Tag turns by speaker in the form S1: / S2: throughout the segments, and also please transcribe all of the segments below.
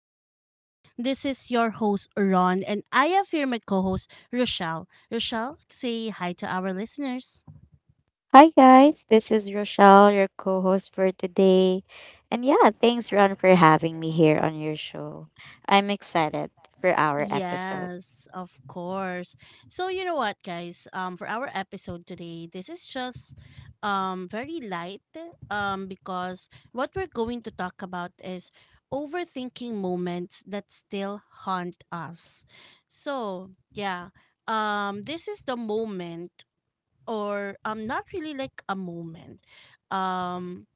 S1: Podcast. This is your host, Ron, and I have here my co host, Rochelle. Rochelle, say hi to our listeners.
S2: Hi guys, this is Rochelle, your co-host for today. And yeah, thanks Ron for having me here on your show. I'm excited for our episode.
S1: Yes, of course. So, you know what, guys? For our episode today, this is just very light because what we're going to talk about is overthinking moments that still haunt us. So, yeah. This is the moment or not really like a moment um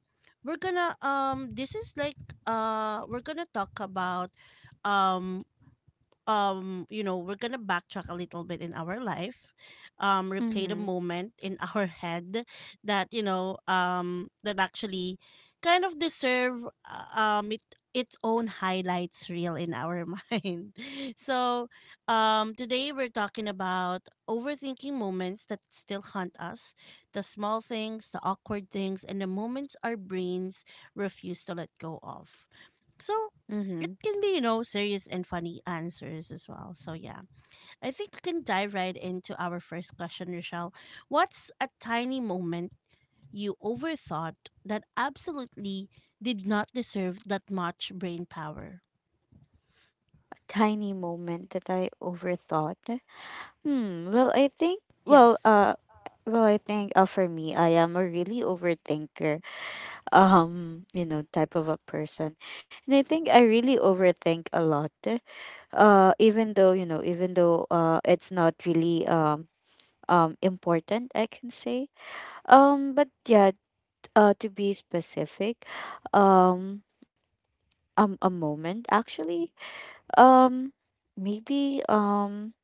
S1: we're gonna this is like we're gonna talk about um you know, we're gonna backtrack a little bit in our life, replay the
S2: Mhm.
S1: moment in our head that that actually kind of deserve it its own highlights reel in our mind. So today we're talking about overthinking moments that still haunt us, the small things, the awkward things, and the moments our brains refuse to let go of. So it
S2: Mhm.
S1: can be, you know, serious and funny answers as well. So yeah, I think we can dive right into our first question, Rochelle. What's a tiny moment you overthought that absolutely did not deserve that much brain power?
S2: A tiny moment that I overthought. Hmm, well, I think well,
S1: Yes.
S2: well, I think for me, I am a really overthinker, type of a person. And I think I really overthink a lot. Even though it's not really important, I can say. But yeah, to be specific, um a moment actually. Um maybe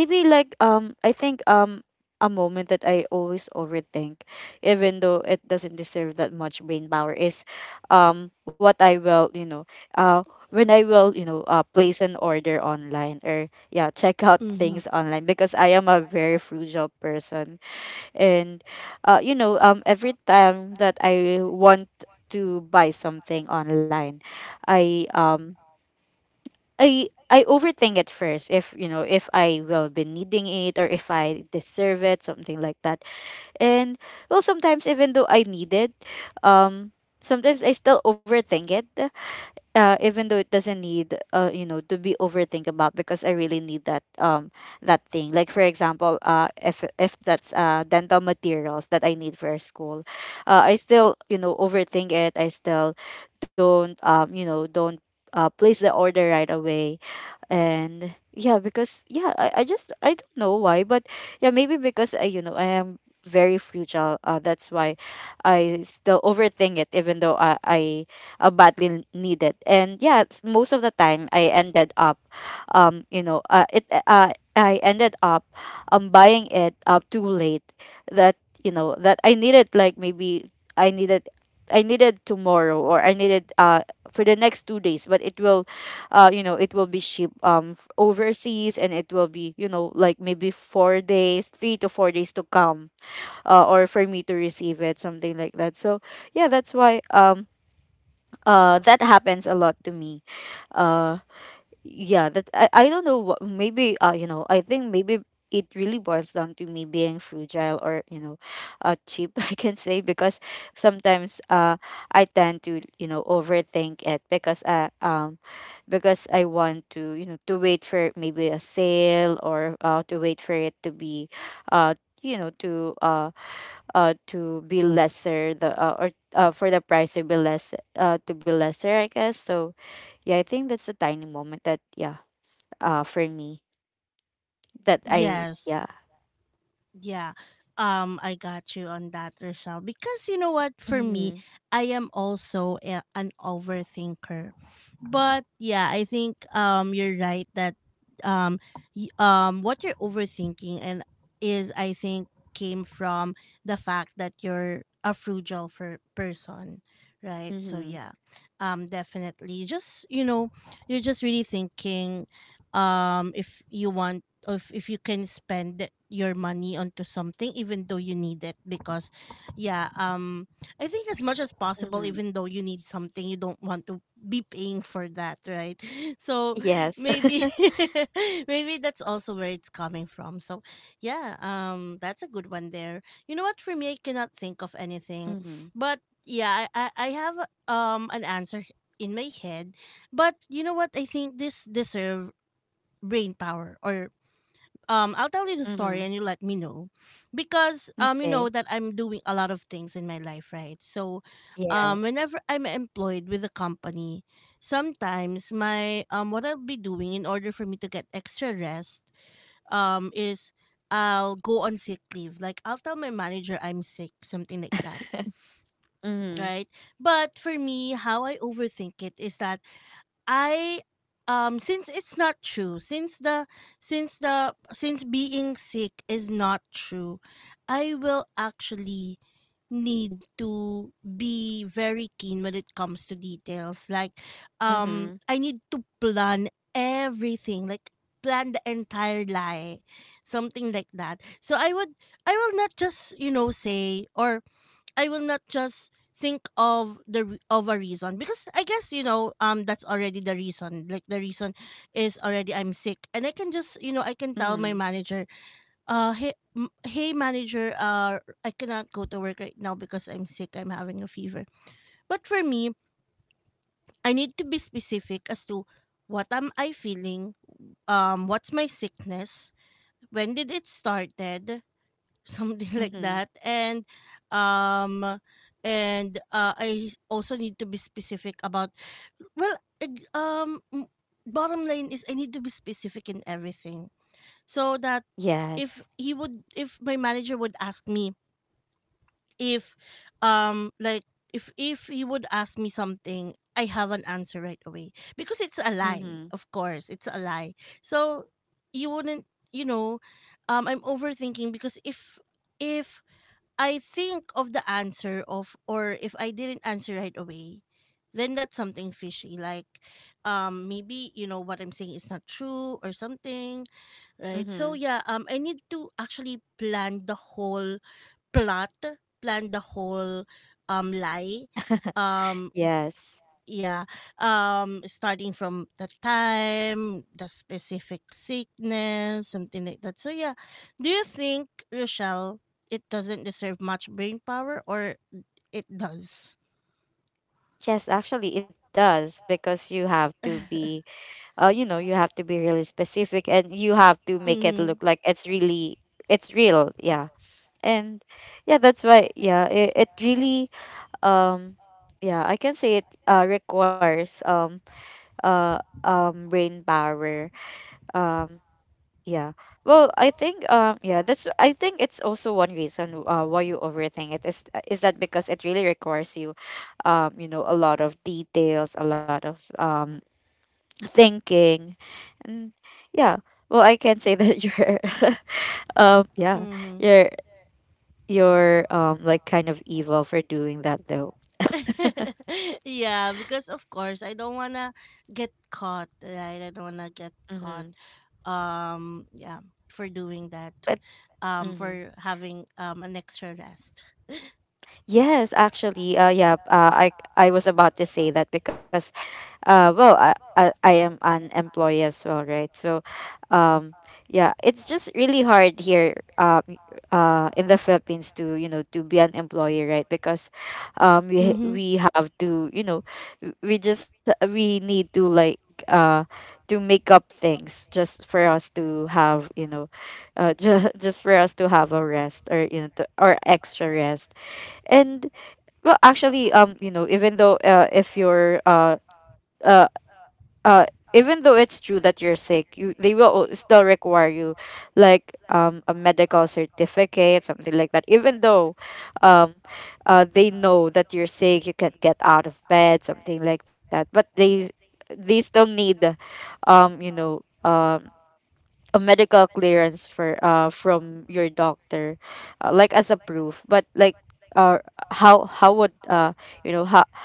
S2: maybe like I think a moment that I always overthink, even though it doesn't deserve that much brain power, is what I will, uh when I will, place an order online, or yeah, check out
S1: Mhm.
S2: things online because I am a very frugal person. And every time that I want to buy something online, I um I overthink it first, if if I will be needing it, or if I deserve it, something like that. And well, sometimes even though I need it, um sometimes I still overthink it, even though it doesn't need, to be overthink about, because I really need that thing, like for example, if that's dental materials that I need for school. I still, you know, overthink it. I still don't you know don't place the order right away. And yeah, because yeah, I just, I don't know why, but yeah, maybe because I you know I am very fragile, that's why I still overthink it, even though I badly needed. And yeah, most of the time I ended up, you know, it I ended up buying it up too late. That, you know, that I needed, like maybe I needed. I needed tomorrow, or I needed, for the next 2 days, but it will be shipped, overseas, and it will be, you know, like maybe four days 3 to 4 days to come, or for me to receive it, something like that. So yeah, that's why that happens a lot to me. Uh, yeah, that, I don't know what. Maybe I think maybe it really boils down to me being fragile, or you know, cheap I can say, because sometimes I tend to, you know, overthink it, because I want to, you know, to wait for maybe a sale, or to wait for it to be, uh you know to uh to be lesser, the or for the price to be less, to be lesser, I guess. So yeah, I think that's a tiny moment that, yeah, for me, that I,
S1: Yes.
S2: yeah.
S1: Yeah. I got you on that, Rochelle. Because you know what, for me,
S2: Mm-hmm,
S1: I am also an overthinker. But yeah, I think you're right that um what you're overthinking and is, I think, came from the fact that you're a frugal for person, right? So
S2: mm-hmm,
S1: yeah, definitely. Just, you know, you're just really thinking if you want of if you can spend your money onto something even though you need it, because yeah, I think as much as possible,
S2: mm-hmm.
S1: even though you need something, you don't want to be paying for that, right? So
S2: Yes.
S1: maybe, maybe that's also where it's coming from. So yeah, that's a good one there. You know what, for me, I cannot think of anything,
S2: Mm-hmm,
S1: but yeah, I have an answer in my head. But you know what, I think this deserve brain power, or I'll tell you the
S2: mm-hmm.
S1: story and you let me know. Because you know
S2: Okay.
S1: that I'm doing a lot of things in my life, right? So
S2: Yeah.
S1: whenever I'm employed with a company, sometimes my what I'll be doing in order for me to get extra rest is I'll go on sick leave, like I'll tell my manager I'm sick, something like that,
S2: Mm-hmm,
S1: right? But for me, how I overthink it is that I since it's not true, since being sick is not true, I will actually need to be very keen when it comes to details. Like,
S2: mm-hmm,
S1: I need to plan everything, like plan the entire lie. Something like that. So I would, I will not just, you know, say or I will not just think of a reason, because I guess, you know, that's already the reason. Like the reason is already I'm sick, and I can just, you know, I can tell my
S2: mm-hmm,
S1: manager, uh, hey manager, uh, I cannot go to work right now because I'm sick, I'm having a fever. But for me, I need to be specific as to what am I feeling, what's my sickness, when did it started, something like that,
S2: mm-hmm.
S1: um and I also need to be specific about well ig- um m- bottom line is I need to be specific in everything so that
S2: Yes.
S1: if my manager would ask me, if like if he would ask me something, I have an answer right away, because it's a lie,
S2: Mm-hmm,
S1: of course it's a lie. So you wouldn't, you know, I'm overthinking because if I think of the answer of or if I didn't answer right away, then that's something fishy. Like, maybe, you know, what I'm saying is not true or something, right? So
S2: mm-hmm.
S1: yeah, I need to actually plan the whole plot, plan the whole lie. Um
S2: Yes.
S1: yeah. Starting from the time, the specific sickness, something like that. So yeah. Do you think, Rochelle, it doesn't deserve much brain power, or it does?
S2: Yes, actually it does, because you have to be really specific, and you have to make it
S1: Mhm,
S2: look like it's real. Yeah. And yeah, that's why, yeah, it really, um, yeah, I can say it requires, brain power. Um, yeah. Well, I think yeah, that's I think it's also one reason, why you overthink it, is that because it really requires you you know a lot of details, a lot of thinking. And yeah, well, I can say that you're yeah
S1: mhm.
S2: you're you're like, kind of evil for doing that, though.
S1: Yeah, because of course I don't wanna get caught, right? I don't wanna get
S2: Mm-hmm.
S1: caught. Yeah, for doing that.
S2: But mm-hmm.
S1: For having an extra rest.
S2: Yes, actually, I I was about to say that, because well, I am an employee as well, right? So um yeah, it's just really hard here, in the Philippines, to, you know, to be an employee, right? Because we ha-
S1: Mm-hmm.
S2: we have to, you know, we need to, like, uh to make up things just for us to have, you know, just for us to have a rest, or you know to, or extra rest. And well, actually, even though, if you're uh, uh even though it's true that you're sick, you they will still require you, like, a medical certificate, something like that. Even though um they know that you're sick, you can't get out of bed, something like that, but they still need, um you know um a medical clearance, for from your doctor, like as a proof. But like, uh how how would uh you know how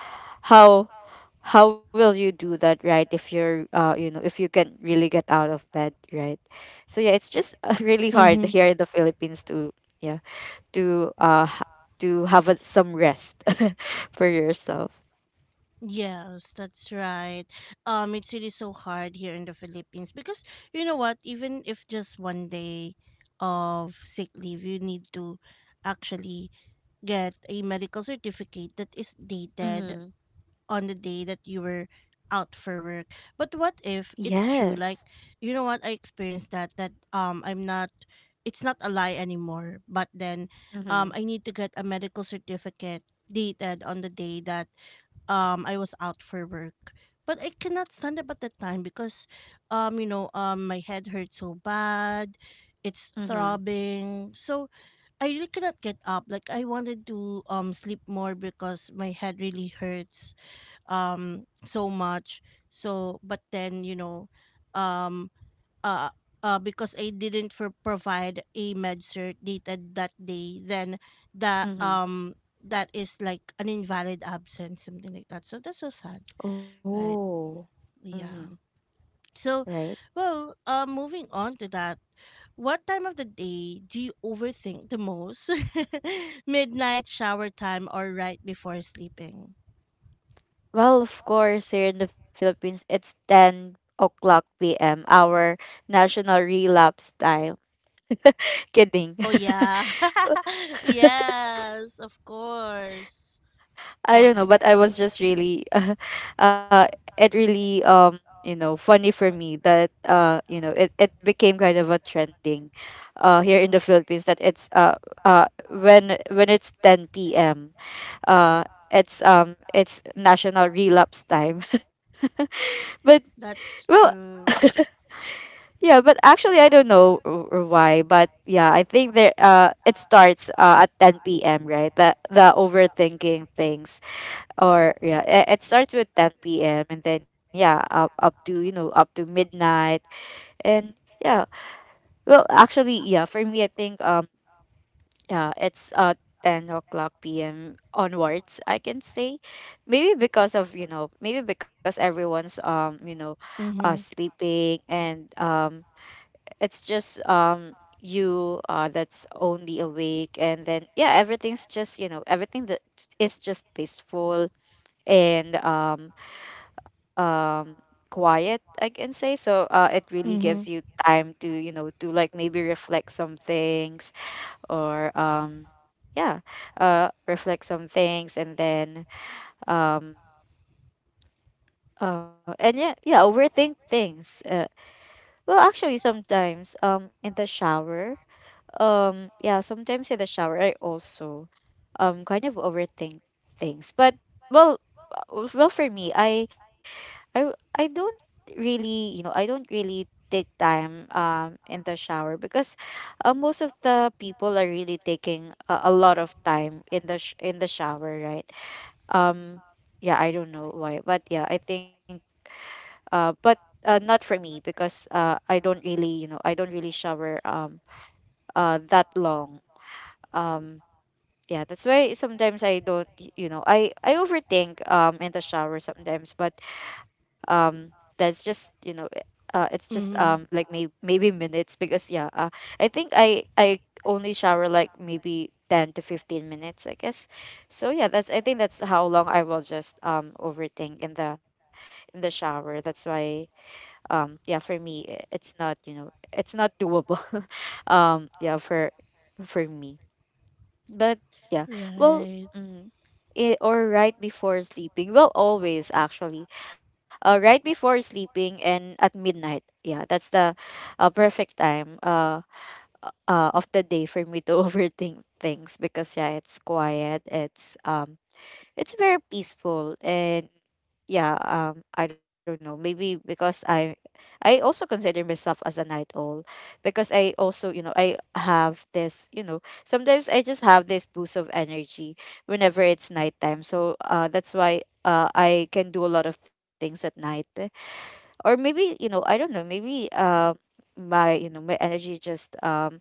S2: how how will you do that, right? If you're, if you can really get out of bed, right? So yeah, it's just, really hard here in the Philippines to yeah, to to have some rest for yourself.
S1: Yes, that's right. It's really so hard here in the Philippines because you know what, even if just one day of sick leave, you need to actually get a medical certificate that is dated
S2: Mm-hmm.
S1: on the day that you were out for work. But what if it's true?
S2: Yes.
S1: Like, you know what, I experienced that that I'm not, it's not a lie anymore, but then,
S2: Mm-hmm.
S1: I need to get a medical certificate dated on the day that I was out for work. But I cannot stand up at the time because, you know, my head hurts so bad. It's
S2: Mm-hmm.
S1: throbbing. So I really cannot get up. Like, I wanted to sleep more because my head really hurts so much. So but then, you know, um uh, because I didn't for provide a med cert dated that day, then that
S2: Mm-hmm.
S1: um that is like an invalid absence, something like that. So that's so sad, right?
S2: Oh. Mm-hmm.
S1: Yeah. So,
S2: Right.
S1: well, moving on to that, what time of the day do you overthink the most? Midnight, shower time, or right before sleeping?
S2: Well, of course, here in the Philippines, it's 10 o'clock pm, our national relapse time. Kidding.
S1: Oh yeah, yes, of course. Go
S2: I
S1: ahead.
S2: don't know, but I was just really uh it really, funny for me, that, it became kind of a trending, here in the Philippines, that it's, when it's 10 p.m., uh it's national relapse time. But well,
S1: That's true.
S2: yeah, but actually I don't know why, but yeah, I think there it starts, at 10 p.m., right? The overthinking things, or yeah, it starts with 10 p.m., and then yeah, up to, you know, up to midnight. And yeah, well, actually, yeah, for me I think yeah, it's 10 o'clock p.m. onwards, I can say. Maybe because of, you know, maybe because everyone's,
S1: Mm-hmm.
S2: sleeping, and it's just, you that's only awake, and then yeah, everything's just, you know, everything that is just peaceful, and um quiet, I can say. So it really gives
S1: Mm-hmm.
S2: you time to, you know, to like, maybe reflect some things, or yeah reflect some things, and then um and yeah, yeah, overthink things. Well, actually, sometimes, in the shower, yeah, sometimes in the shower I also kind of overthink things. But well, well, for me, I don't really, you know, I don't really take time, in the shower, because, most of the people are really taking a lot of time in in the shower, right? Um yeah, I don't know why, but yeah, I think, but not for me because, I don't really shower, that long. Um yeah, that's why sometimes I don't, y- you know, I overthink, in the shower sometimes, but um that's just, you know, it's just,
S1: Mhm.
S2: like, maybe minutes, because yeah. I think I only shower, like, maybe 10 to 15 minutes, I guess. So yeah, that's I think that's how long I will just overthink in the shower, that's why, yeah, for me, it's not, you know, it's not doable Yeah, for me. But yeah, well,
S1: Right.
S2: mm, or right before sleeping. Well, always actually, right before sleeping and at midnight. Yeah, that's the, perfect time, of the day for me to overthink things, because yeah, it's quiet. It's very peaceful, and yeah, I don't know, maybe because I also consider myself as a night owl, because I also, I have this, sometimes I just have this boost of energy whenever it's nighttime. So that's why I can do a lot of things at night. Or maybe, you know, I don't know, maybe my you know my energy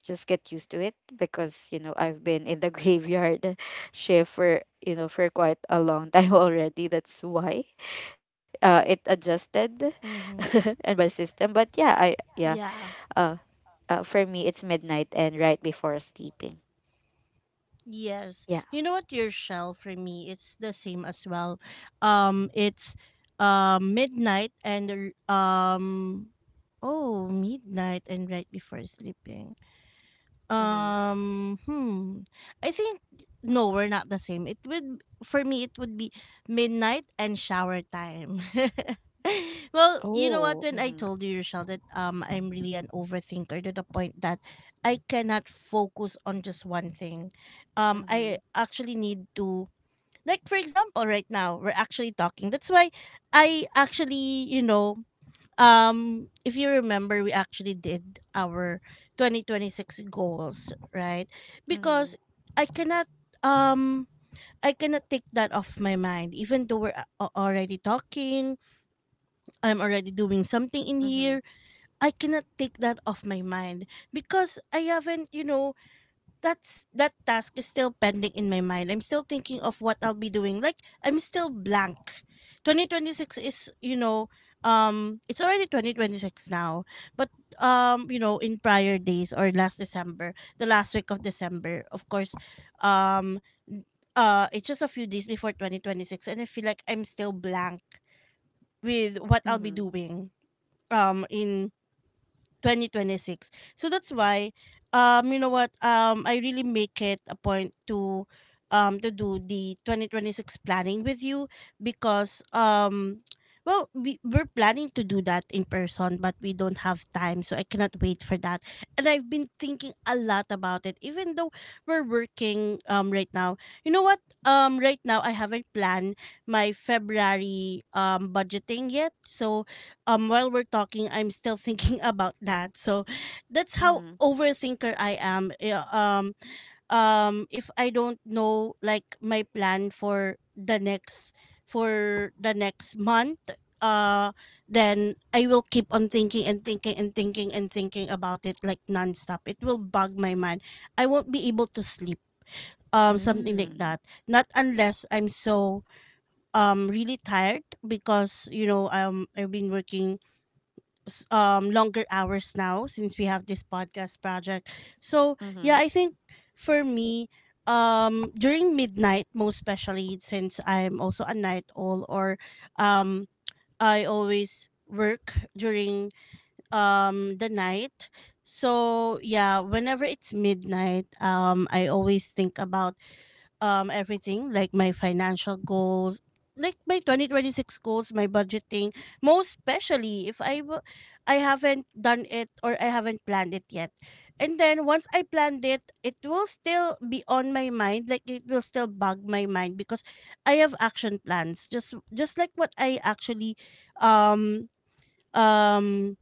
S2: just get used to it, because, you know, I've been in the graveyard shift for, you know, for quite a long time already. That's why it adjusted
S1: Mhm.
S2: and my system. But yeah, I yeah,
S1: Yeah.
S2: uh, for me, it's midnight and right before sleeping.
S1: Yes.
S2: Yeah.
S1: You know what, your shell for me, it's the same as well. It's midnight and r- um oh, midnight and right before sleeping.
S2: Mhm.
S1: Hmm. I think no, we're not the same. It would, for me it would be midnight and shower time. Well, you
S2: Oh.
S1: know what, when
S2: Mhm.
S1: I told you, Rochelle, that I'm really an overthinker to the point that I cannot focus on just one thing. I
S2: Mhm.
S1: actually need to, like for example, right now we're actually talking. That's why I actually, you know, if you remember we actually did our 2026 goals, right? Because i cannot um I cannot take that off my mind even though already talking, I'm already doing something in
S2: Mhm.
S1: here, I cannot take that off my mind because I haven't, you know, that's, that task is still pending in my mind. I'm still thinking of what I'll be doing. Like, I'm still blank. 2026 is, you know, it's already 2026 now. But, you know, in prior days or last December, the last week of December, of course, um it's just a few days before 2026, and I feel like I'm still blank with what
S2: Mhm.
S1: I'll be doing in 2026. So that's why, you know what, I really make it a point to do the 2026 planning with you, because well we're planning to do that in person but we don't have time, so I cannot wait for that. And I've been thinking a lot about it even though we're working right now. You know what, right now I haven't planned my February budgeting yet. So while we're talking, I'm still thinking about that. So that's how
S2: Mhm.
S1: overthinker I am. Yeah, if I don't know, like, my plan for the next, for the next month, uh then I will keep on thinking and thinking and thinking and thinking about it, like nonstop, it will bug my mind, I won't be able to sleep, something like that,
S2: Mhm.
S1: not unless I'm so, really tired, because, you know, I've been working longer hours now since we have this podcast project. So yeah, I
S2: Mm.
S1: think for me, during midnight, most especially since I'm also a night owl, or um I always work during the night. So yeah, whenever it's midnight, I always think about everything like my financial goals, like my 2026 goals, my budgeting, most especially if I haven't done it or I haven't planned it yet. And then once I planned it, it will still be on my mind, like it will still bug my mind, because I have action plans, just like what I actually um um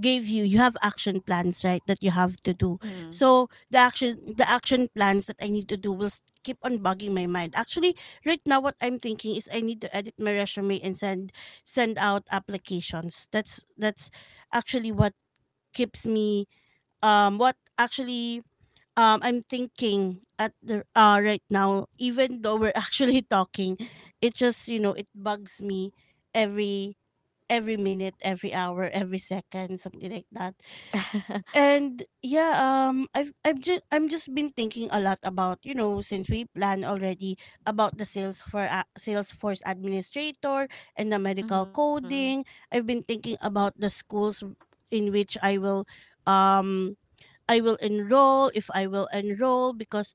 S1: gave you. You have action plans, right, that you have to do.
S2: Mhm.
S1: So the action plans that I need to do will keep on bugging my mind. Actually, right now what I'm thinking is I need to edit my resume and send, send out applications. That's actually what keeps me, what actually, I'm thinking at the right now, even though we're actually talking. It just, you know, it bugs me every every minute, every hour, every second, something like that. And yeah, I've just I'm just been thinking a lot about, you know, since we plan already about the sales for Salesforce administrator and the medical
S2: Mhm.
S1: coding. I've been thinking about the schools in which um, I will enroll, if I will enroll, because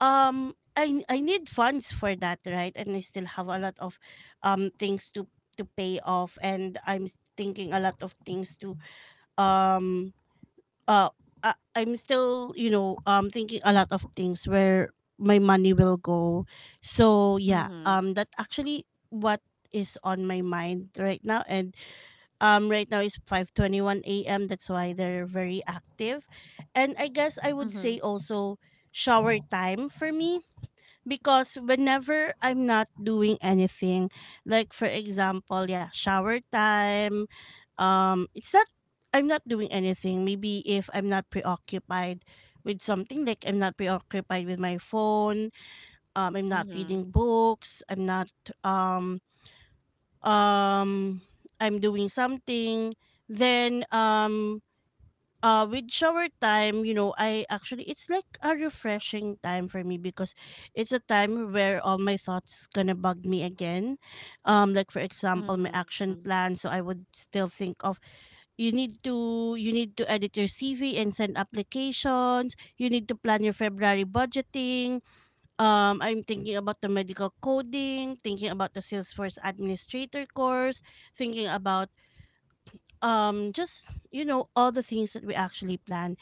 S1: um, I need funds for that, right, and I still have a lot of, things to pay off, and I'm thinking a lot of things to um uh, I'm still, you know, thinking a lot of things where my money will go. So yeah,
S2: Mhm. Mhm.
S1: that actually what is on my mind right now. And right now is 5:21 a.m., that's why they're very active. And I guess I would say
S2: Mhm.
S1: also shower time for me, because whenever I'm not doing anything, like for example, yeah, shower time, it's not, I'm not doing anything. Maybe if I'm not preoccupied with something, like I'm not preoccupied with my phone, I'm not reading
S2: Mhm.
S1: books, I'm not um um I'm doing something, then with shower time, you know, I actually, it's like a refreshing time for me, because it's a time where all my thoughts gonna bug me again. Like, for example, my action
S2: Mhm.
S1: plan, so I would still think of, you need to, you need to edit your CV and send applications, you need to plan your February budgeting. I'm thinking about the medical coding, thinking about the Salesforce administrator course, thinking about just, you know, all the things that we actually plan.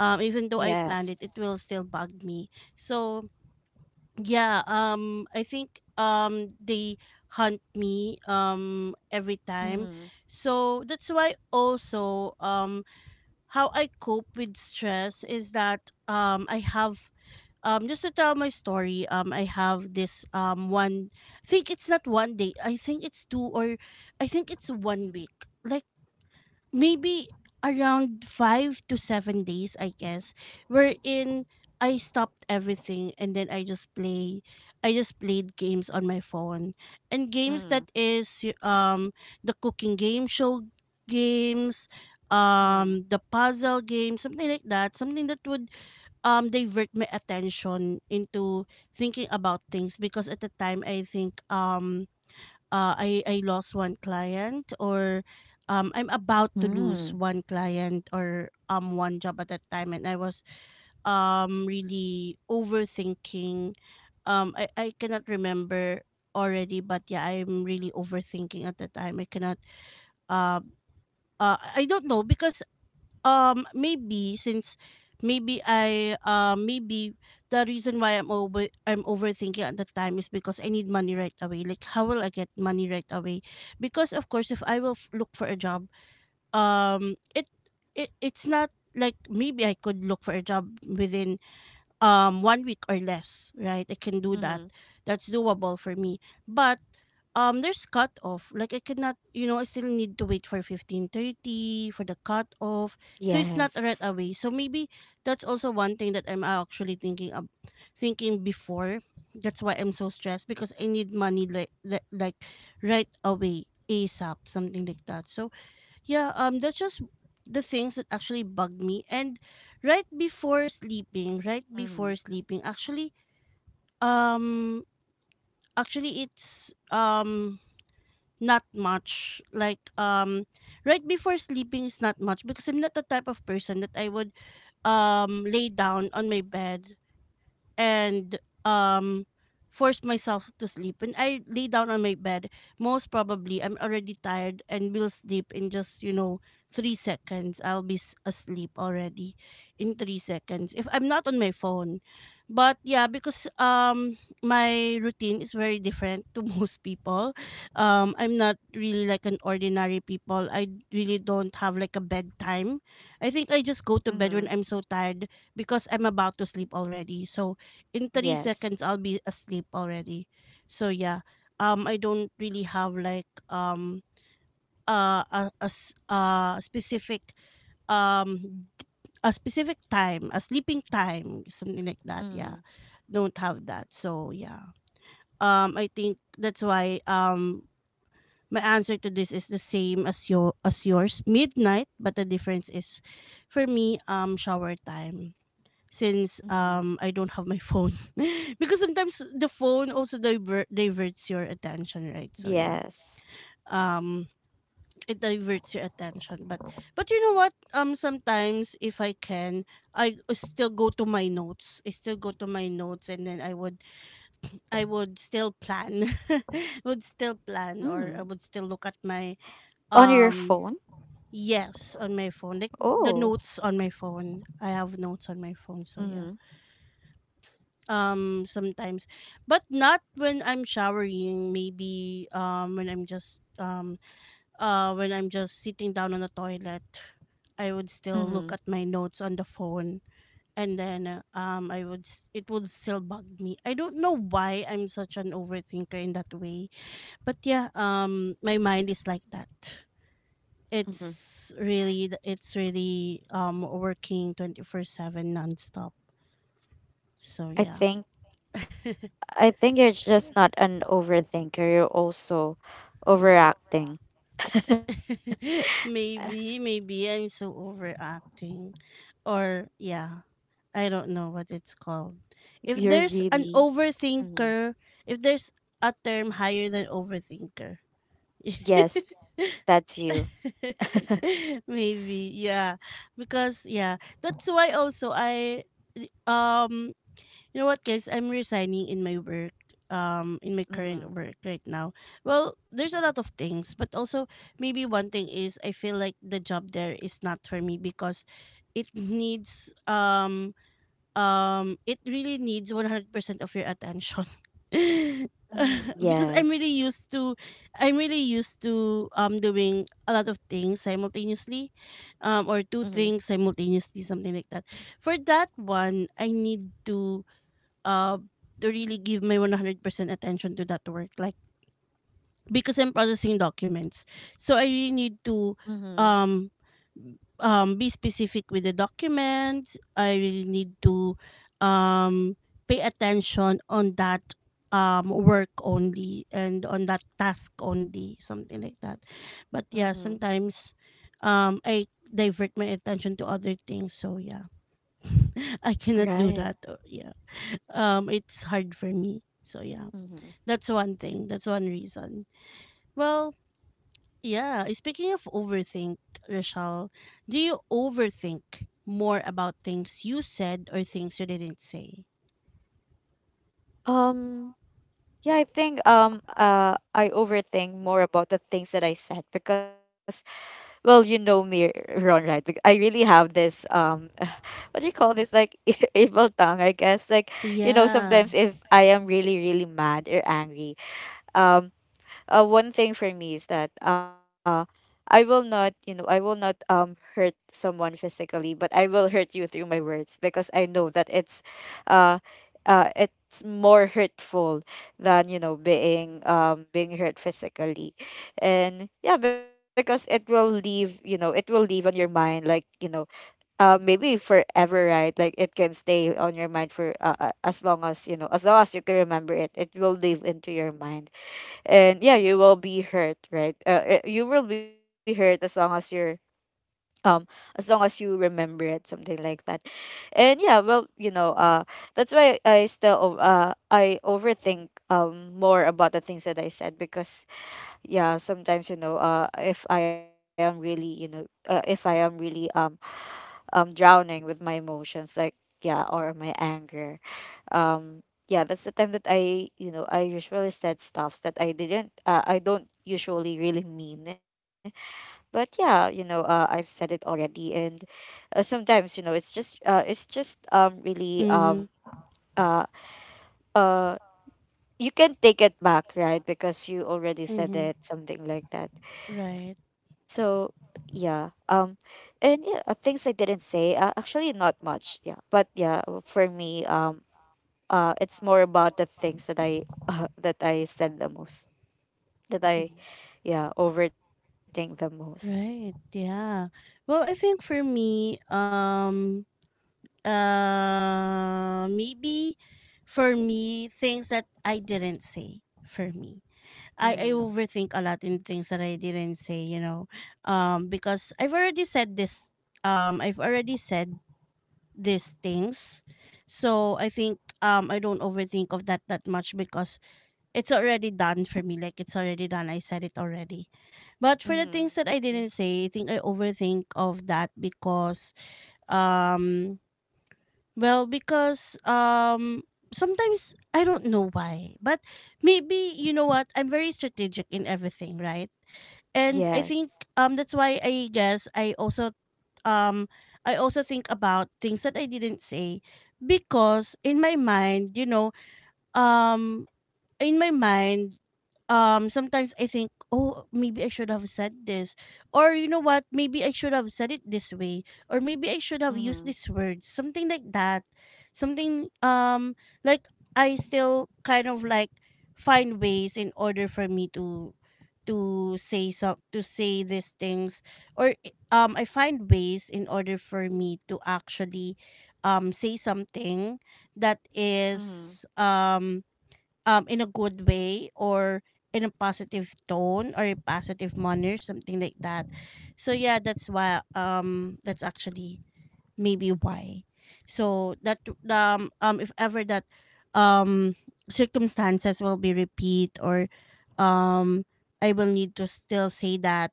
S1: Even though I planned it, it
S2: Yes.
S1: will still bug me. So yeah, I think they hunt me every time.
S2: Mhm,
S1: So that's why also, how I cope with stress is that, I have, just to tell my story, I have this, one, I think it's not one day, I think it's two, or I think it's one week, like maybe around 5 to 7 days, I guess, wherein I stopped everything and then I just play, I just played games on my phone, and games that
S2: mhm,
S1: is the cooking game show games, the
S2: mhm.
S1: puzzle game, something like that, something that would divert my attention into thinking about things. Because at the time, I think I lost one client, or I'm about to lose
S2: Mm,
S1: one client, or one job at that time, and I was really overthinking. Um, I cannot remember already, but yeah, I'm really overthinking at the time. I cannot uh, I don't know, because maybe since, maybe I maybe the reason why I'm overthinking at the time is because I need money right away. Like, how will I get money right away? Because of course, if look for a job, it, it it's not like maybe I could look for a job within one week or less, right? I can do that.
S2: mhm.
S1: That's doable for me. But there's cut off. Like, I cannot, you know, I still need to wait for 15:30 for the cut off. So it's not right
S2: Yes.
S1: away. So maybe that's also one thing that I'm actually thinking of, thinking before. That's why I'm so stressed, because I need money like right away, ASAP, something like that. So yeah, that's just the things that actually bugged me. And right before sleeping,
S2: Mhm,
S1: actually, um, actually, it's not much. Like, right before sleeping is not much, because I'm not the type of person that I would lay down on my bed and um forced myself to sleep. And I lay down on my bed, most probably I'm already tired and will sleep in just, you know, three seconds. Asleep already in three seconds if I'm not on my phone. But yeah, because my routine is very different to most people. I'm not really like an ordinary people. I really don't have like a bedtime. I think I just go to bed when I'm so
S2: mhm.
S1: tired, because I'm about to sleep already. So in three seconds I'll be
S2: Yes.
S1: asleep already. So yeah, I don't really have like specific um a specific time, a sleeping time, something like that. Yeah,
S2: Mhm,
S1: don't have that. So yeah, I think that's why my answer to this is the same as yours, midnight, but the difference is for me, shower time, since I
S2: mhm.
S1: don't have my phone because sometimes the phone also diverts your attention, right? So yeah,
S2: Yes.
S1: um it diverts your attention, but you know what, sometimes if I can, I still go to my notes, I still go to my notes, and then I would, I would still plan would still plan, or I would still
S2: Mm.
S1: look at my
S2: On your
S1: um
S2: phone?
S1: yes, on my phone, like the
S2: Oh.
S1: notes on my phone, I have notes on my phone. So yeah,
S2: Mhm,
S1: sometimes, but not when I'm showering, maybe when I'm just when I'm just sitting down on the toilet, I would still look
S2: mhm,
S1: at my notes on the phone. And then it would still bug me. I don't know why I'm such an overthinker in that way, but yeah, my mind is like that.
S2: mhm.
S1: It's really it's really working 24/7 nonstop. So
S2: I
S1: yeah,
S2: think I think you're just not an overthinker. You're also overacting.
S1: maybe, maybe I'm so overacting. Or, yeah, I don't know what it's called. If
S2: You're
S1: there's an
S2: really, Mhm.
S1: overthinker, if there's a term higher than overthinker,
S2: Yes, that's you.
S1: maybe, yeah. Because, yeah, that's why also I, um, you know what, guys? I'm resigning in my work, in my current
S2: Mhm,
S1: work right now. Well, there's a lot of things, but also maybe one thing is I feel like the job there is not for me, because it needs it really needs 100% of your attention.
S2: mhm.
S1: Because I'm
S2: Yes.
S1: really used to, I'm really used to doing a lot of things simultaneously, or two
S2: Mhm,
S1: things simultaneously, something like that. For that one, I need uh, to really give my 100% attention to that work, like, because I'm processing documents, so I really need to
S2: mhm,
S1: um, be specific with the documents. I really need to um, pay attention on that work only and on that task only, something like that. But
S2: mhm.
S1: yeah, sometimes I divert my attention to other things. So yeah, I cannot do
S2: Right.
S1: that. Yeah, it's hard for me. So yeah,
S2: Mhm.
S1: that's one thing. That's one reason. Well, yeah. Speaking of overthink, Rochelle, do you overthink more about things you said or things you didn't say?
S2: Um Yeah, I overthink more about the things that I said because well you know me, Ron, right? I really have this what do you call this like evil tongue, I guess, like you know,
S1: Yeah.
S2: sometimes if I am really really mad or angry, um one thing for me is that, I will not, you know, I will not hurt someone physically, but I will hurt you through my words because I know that uh, it's more hurtful than, you know, being being hurt physically, and yeah, because it will leave, you know, it will leave on your mind, like, you know, maybe forever, right? Like, it can stay on your mind for as long as, you know, as long as you can remember it, it will live into your mind, and yeah, you will be hurt, right? You will be hurt as long as you're um as long as you remember it, something like that. And yeah, well, you know, that's why I still I overthink more about the things that I said because yeah, sometimes, you know, if I am really, you know, if I am really drowning with my emotions, like, yeah, or my anger. um yeah, that's the time that I, you know, I usually said stuffs that I didn't I don't usually really mean, but yeah, you know, I've said it already, and sometimes, you know, it's just really
S1: Mm-hmm.
S2: uh uh you can take it back, right? Because you already said
S1: Mm-hmm.
S2: it, something like that.
S1: Right.
S2: So yeah, and yeah, things I didn't say. Actually, not much. Yeah, but yeah, for me, it's more about the things that I that I said the most. That I,
S1: Mhm.
S2: yeah, overthink the most.
S1: Right. Yeah. Well, I think for me, maybe for me, things that I didn't say, for me. I
S2: Mm-hmm.
S1: overthink a lot in things that I didn't say, you know, because I've already said this, I've already said these things, so I think I don't overthink of that that much, because it's already done for me. Like, it's already done. I said it already. But for the
S2: Mm-hmm.
S1: things that I didn't say, I think I overthink of that because um well, because sometimes I don't know why, but maybe you know what? I'm very strategic in everything, right? And I think
S2: Yes.
S1: that's why I guess um I also think about things that I didn't say, because in my mind, you know, um in my mind, sometimes I think, oh, maybe I should have said this, or you know what, maybe I should have said it this way, or maybe I should have
S2: Mm-hmm.
S1: used this word, something like that, something like, I still kind of like find ways in order for me to say some, to say these things, or I find ways in order for me to actually say something that
S2: Mm-hmm.
S1: is in a good way, or in a positive tone, or a positive manner, something like that. So yeah, that's why, that's actually maybe why, so that if ever that um circumstances will be repeat, or um I will need to still say that,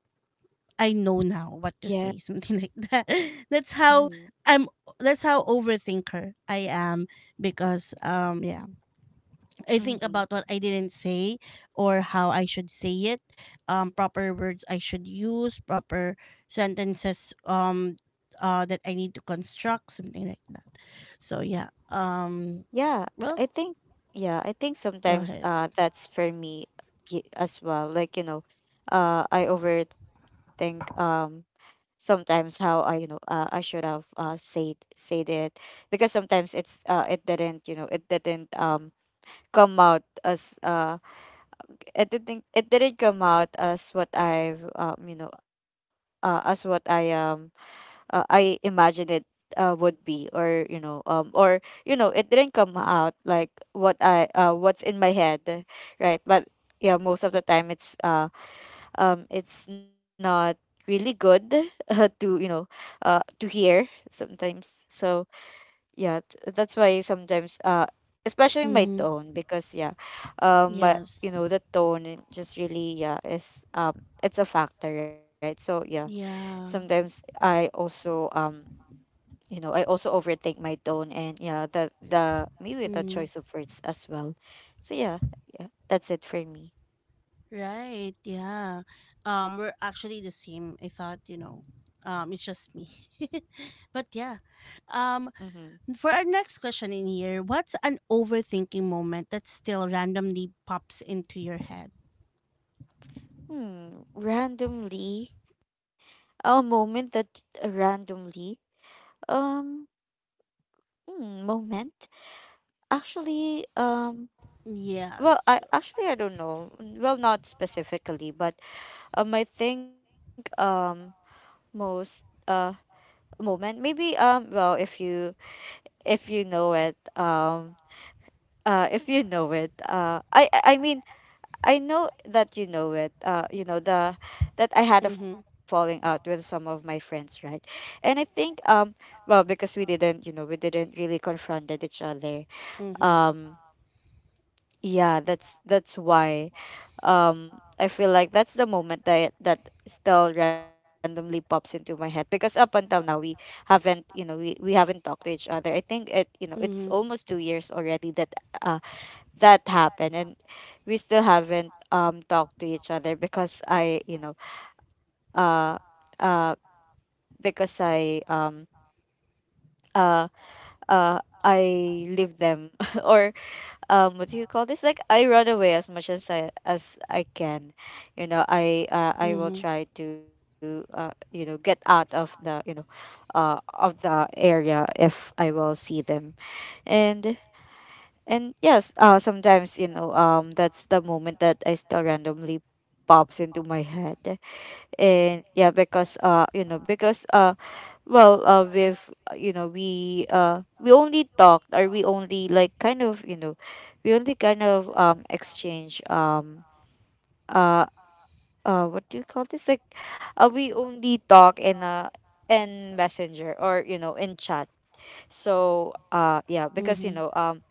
S1: I know
S2: Yeah.
S1: now what to say something like that. That's how
S2: Mm-hmm.
S1: I'm, that's how overthinker I am, because yeah, I think
S2: Mm-hmm.
S1: about what I didn't say, or how I should say it, proper words I should use, proper sentences, that I need to construct, something like that. So yeah.
S2: Yeah.
S1: Well,
S2: I think. Yeah, I think
S1: go
S2: sometimes
S1: ahead.
S2: that's for me as well. Like, you know, I overthink sometimes how I, you know, I should have said it because sometimes it didn't, you know, it didn't come out as it didn't come out as what I've you know, as what I imagined it would be, or you know, or you know, it didn't come out like what I what's in my head, right? But yeah, most of the time it's not really good to, you know, to hear sometimes. So yeah, that's why sometimes especially my
S1: Hmm.
S2: tone, because yeah, but
S1: Yes.
S2: you know, the tone, it just really, yeah, is it's a factor, right? So yeah,
S1: Yeah.
S2: sometimes I also you know, I also overthink my tone, and yeah, the maybe the
S1: Hmm.
S2: choice of words as well. So yeah, yeah, that's it for me.
S1: Right. Yeah. We're actually the same. I thought, you know, it's just me, but yeah. Um,
S2: Mm-hmm.
S1: For our next question in here, what's an overthinking moment that still randomly pops into your head?
S2: Hmm, randomly. A moment that randomly um hmm, moment, actually. Well, I
S1: Yes.
S2: actually, I don't know. Mm, well, not specifically, but I think most uh moment, maybe. Well, if you, if you know it, if you know it, I mean, I know that you know it. You know, the that I had a
S1: Mm-hmm.
S2: falling out with some of my friends, right? And I think well, because we didn't, you know, we didn't really confronted each other.
S1: Mm-hmm.
S2: Um yeah, that's why. Um, I feel like that's the moment that that still randomly pops into my head, because up until now, we haven't, you know, we haven't talked to each other. I think it, you know, it's
S1: Mm-hmm.
S2: almost 2 years already that uh that happened, and we still haven't talked to each other because I, you know, uh uh because uh uh I leave them or what do you call this? Like, I run away as much as I can. You know, I will
S1: Mm-hmm.
S2: try to you know, get out of the, you know, of the area if I will see them. And And yes, sometimes, you know, that's the moment that I still randomly pops into my head, and yeah, because, you know, because, well, we've, you know, we only talked, or we only like kind of, you know, we only kind of exchange uh what do you call this, like, we only talk in messenger, or you know, in chat. So yeah, because you
S1: Mm-hmm.
S2: know, um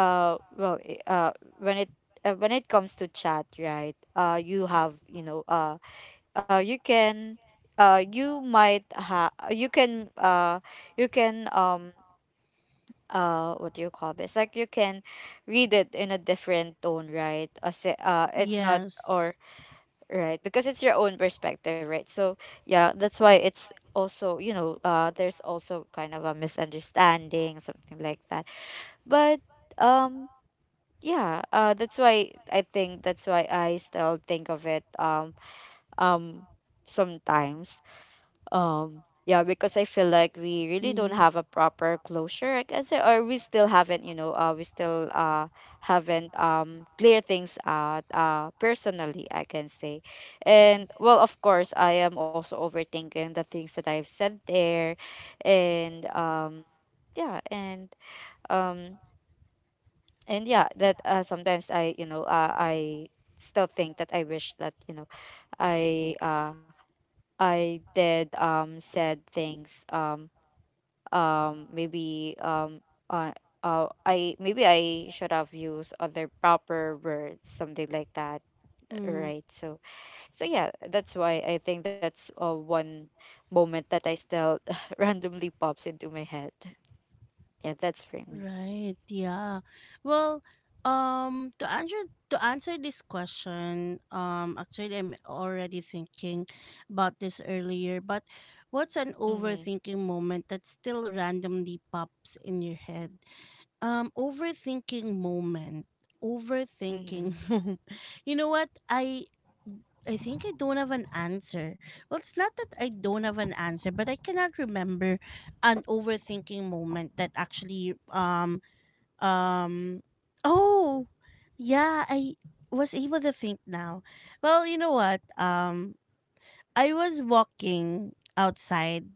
S2: uh well, when it, when it comes to chat, right? You have, you know, you can, you might ha you can, you can, what do you call this, like, you can read it in a different tone, right? It's not,
S1: Yes.
S2: or, right? Because it's your own perspective, right? So yeah, that's why it's also, you know, there's also kind of a misunderstanding, something like that. But um yeah, that's why I think that's why I still think of it um sometimes. Um, yeah, because I feel like we really don't
S1: Mm-hmm.
S2: have a proper closure, I can say, or we still haven't, you know, we still haven't clear things out personally, I can say. And well, of course, I am also overthinking the things that I've said there, and yeah, um and yeah, that sometimes I, you know, I still think that I wish that, you know, i uh I did said things, maybe, uh, I maybe I should have used other proper words, something like that,
S1: Mm-hmm.
S2: right? So, so yeah, that's why I think that's one moment that I still randomly pops into my head. Yeah, that's for me.
S1: Right. Yeah. Well, um, to answer to answer this question, actually, I'm already thinking about this earlier. But what's an
S2: Mm-hmm.
S1: overthinking moment that still randomly pops in your head? Overthinking moment.
S2: Mm-hmm.
S1: Overthinking. You know what? I think I don't have an answer. Well, it's not that I don't have an answer, but I cannot remember an overthinking moment that actually um oh yeah, I was able to think now. Well, you know what? I was walking outside.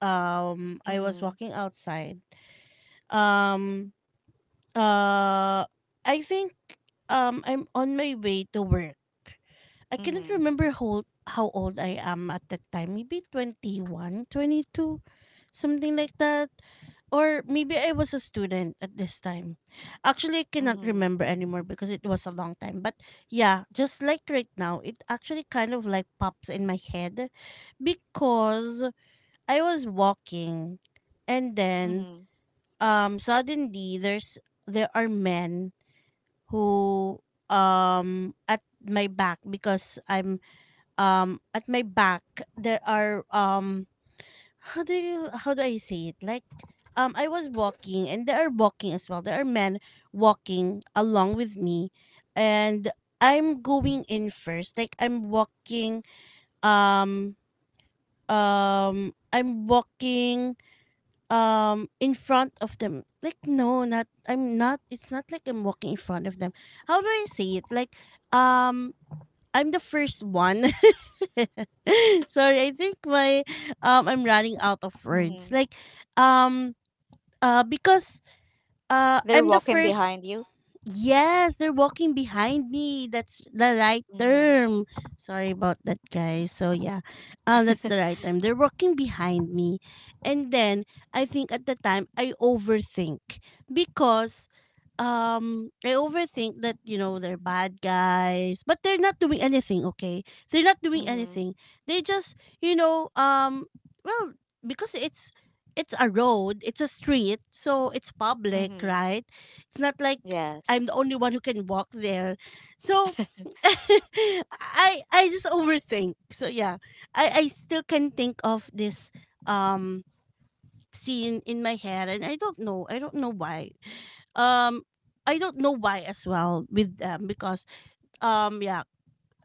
S1: I
S2: Mm-hmm.
S1: was walking outside. Um Uh, I think I'm on my way to work. I cannot
S2: Mm-hmm.
S1: remember how old I am at that time. Maybe 21, 22, something like that. Or maybe I was a student at this time. Actually, I cannot
S2: Mm-hmm.
S1: remember anymore because it was a long time. But yeah, just like right now, it actually kind of like pops in my head because I was walking, and then
S2: Mhm.
S1: suddenly there are men who at my back because I'm at my back there are how do you how do I say it, like I was walking and they are walking as well, there are men walking along with me. And I'm going in first, like I'm walking, um I'm walking in front of them. Like, no, not I'm not it's not like I'm walking in front of them. How do I say it, like um I'm the first one. Sorry, I think my I'm running out of
S2: Mhm.
S1: words, like um because
S2: They're
S1: I'm the
S2: walking
S1: first.
S2: behind you.
S1: Yes, they're walking behind me. That's the right
S2: Mhm.
S1: term. Sorry about that, guys. So yeah, that's the right term. They're walking behind me, and then I think at the time I overthink because I overthink that you know they're bad guys, but they're not doing anything. Okay, they're not doing
S2: Mhm.
S1: anything. They just you know well because it's a road, it's a street, so it's public,
S2: Mhm.
S1: right? It's not like I'm the
S2: Yes.
S1: only one who can walk there. So I just overthink. So yeah, I still can think of this um scene in my head, and I don't know. I don't know why. Um, I don't know why as well with them because yeah.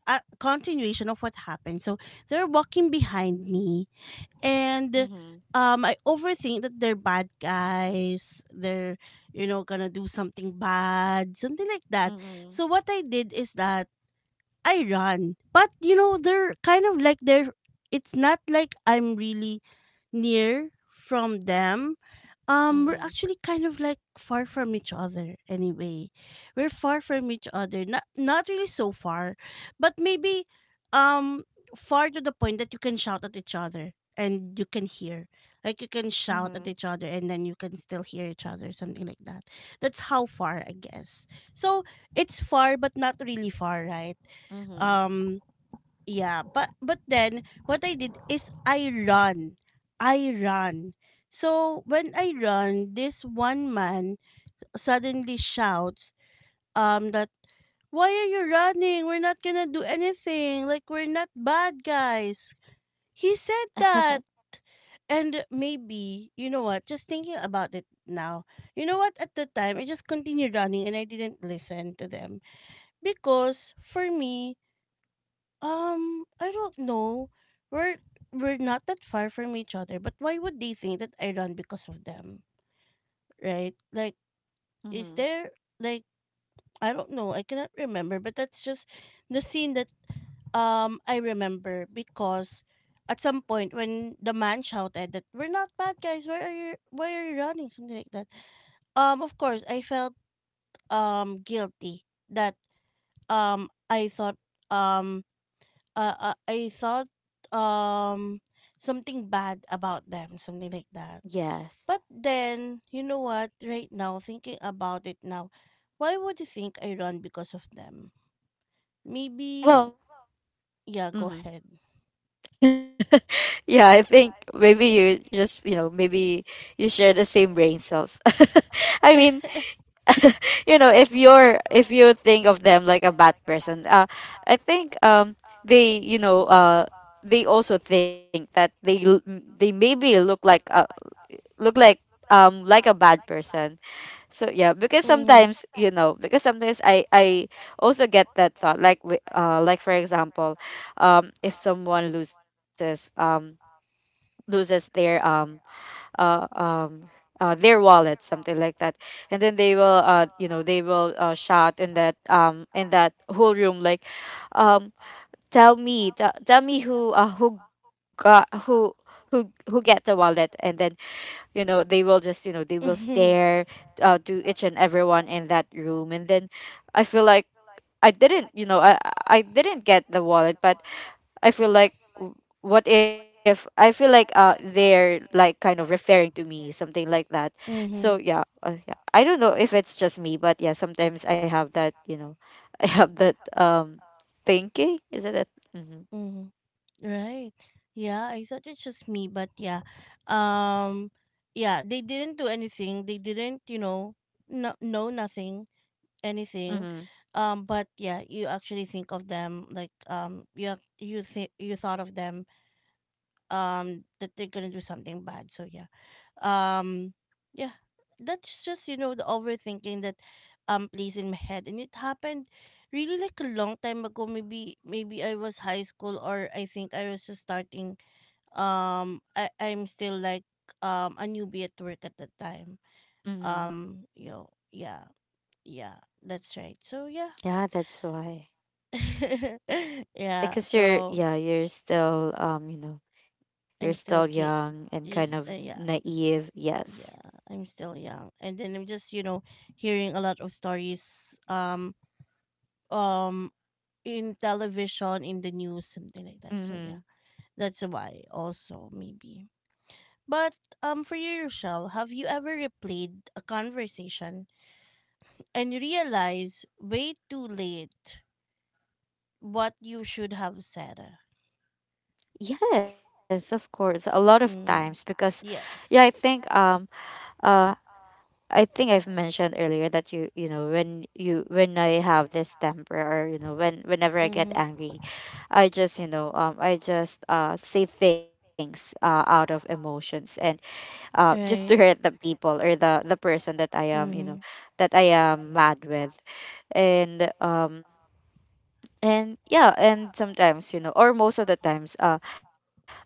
S1: A continuation of what happened. So they're walking behind me and
S2: Mhm.
S1: I overthink that they're bad guys. They're you know gonna do something bad, something like that.
S2: Mhm.
S1: So what I did is that I run. But you know, they're kind of like they're it's not like I'm really near from them. Um,
S2: Mhm.
S1: we're actually kind of like far from each other anyway. We're far from each other. Not really so far, but maybe um far to the point that you can shout at each other and you can hear. Like you can shout
S2: Mhm.
S1: at each other and then you can still hear each other, something like that. That's how far I guess. So it's far but not really far, right?
S2: Mhm. Mhm.
S1: um yeah, but then what I did is I run. I run. So when I run, this one man suddenly shouts that why are you running, we're not gonna do anything, like we're not bad guys. He said that. And maybe you know what, just thinking about it now, you know what, at the time I just continued running and I didn't listen to them because for me. I don't know. We're we're not that far from each other, but why would they think that I run because of them? Right? Like is there like I don't know, I cannot remember, but that's just the scene that I remember because at some point when the man shouted that we're not bad guys, why are you running? Something like that. Um, of course I felt guilty that um I thought um I thought um something bad about them, something like that.
S2: Yes.
S1: But then, you know what? Right now, thinking about it now, why would you think I run because of them? Maybe,
S2: Well.
S1: yeah, go
S2: Mhm.
S1: ahead.
S2: Yeah, I think maybe you just, you know, maybe you share the same brain cells. I mean, you know, if you're, if you think of them like a bad person, I think they, you know, they also think that they maybe look like like a bad person. So yeah, because
S1: Mm-hmm.
S2: sometimes, you know, because sometimes I also get that thought, like, like, for example, if someone loses uh um their wallet, something like that, and then they will, you know, they will, shout in that, in that whole room, like, um tell me, tell me who, who got, who, who get the wallet, and then, you know, they will just, you know, they will
S1: Mm-hmm.
S2: stare, to each and everyone in that room, and then I feel like I didn't, you know, I didn't get the wallet, but I feel like, what if, I feel like, they're, like, kind of referring to me, something like that. So
S1: Mm-hmm.
S2: yeah, yeah, I don't know if it's just me, but yeah, sometimes I have that, you know, I have that thinking. Is it that? Mm-hmm.
S1: Mm-hmm. Right. Yeah, I thought it's just me, but yeah. Um, yeah, they didn't do anything. They didn't, you know, no know nothing. Anything.
S2: Mm-hmm.
S1: But yeah, you actually think of them like you think you thought of them that they're gonna do something bad, so yeah. um yeah, that's just you know the overthinking that plays in my head, and it happened really like a long time ago. Maybe I was high school, or I think I was just starting I'm still like a newbie at work at the time.
S2: Mm-hmm.
S1: um you know, yeah. Yeah, that's right, so yeah.
S2: Yeah, that's why.
S1: Yeah,
S2: Because you're,
S1: so
S2: yeah, you're still you know, you're still
S1: I'm still a
S2: young
S1: kid.
S2: and kind of
S1: Is yeah,
S2: naive. Yes.
S1: yeah, I'm still young, and then I'm just you know hearing a lot of stories um in television, in the news, something like that. So yeah,
S2: Mm-hmm.
S1: that's why also maybe. But for you, Rochelle, have you ever replayed a conversation and realize way too late what you should have said?
S2: Yes, of course. A lot of
S1: Mm,
S2: times because yeah,
S1: Yes.
S2: uh I think I've mentioned earlier that you know when I have this temper or you know when whenever I get
S1: Mm-hmm.
S2: angry, I just say things out of emotions and just to
S1: Right.
S2: hurt the people or the person that I am you know
S1: Mm-hmm.
S2: that I am mad with, and um and yeah. And sometimes you know, or most of the times,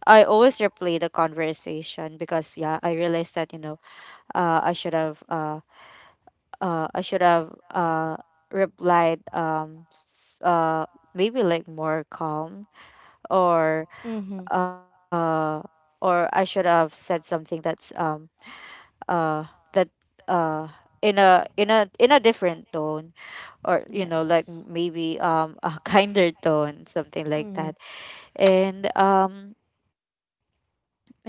S2: I always replay the conversation because yeah, I realized that you know uh I should have uh I should have replied, maybe like more calm, or uh or I should have said something that's uh that uh in a different tone, or you know,
S1: Yes.
S2: like maybe a kinder tone, something like
S1: Mhm.
S2: that. And um and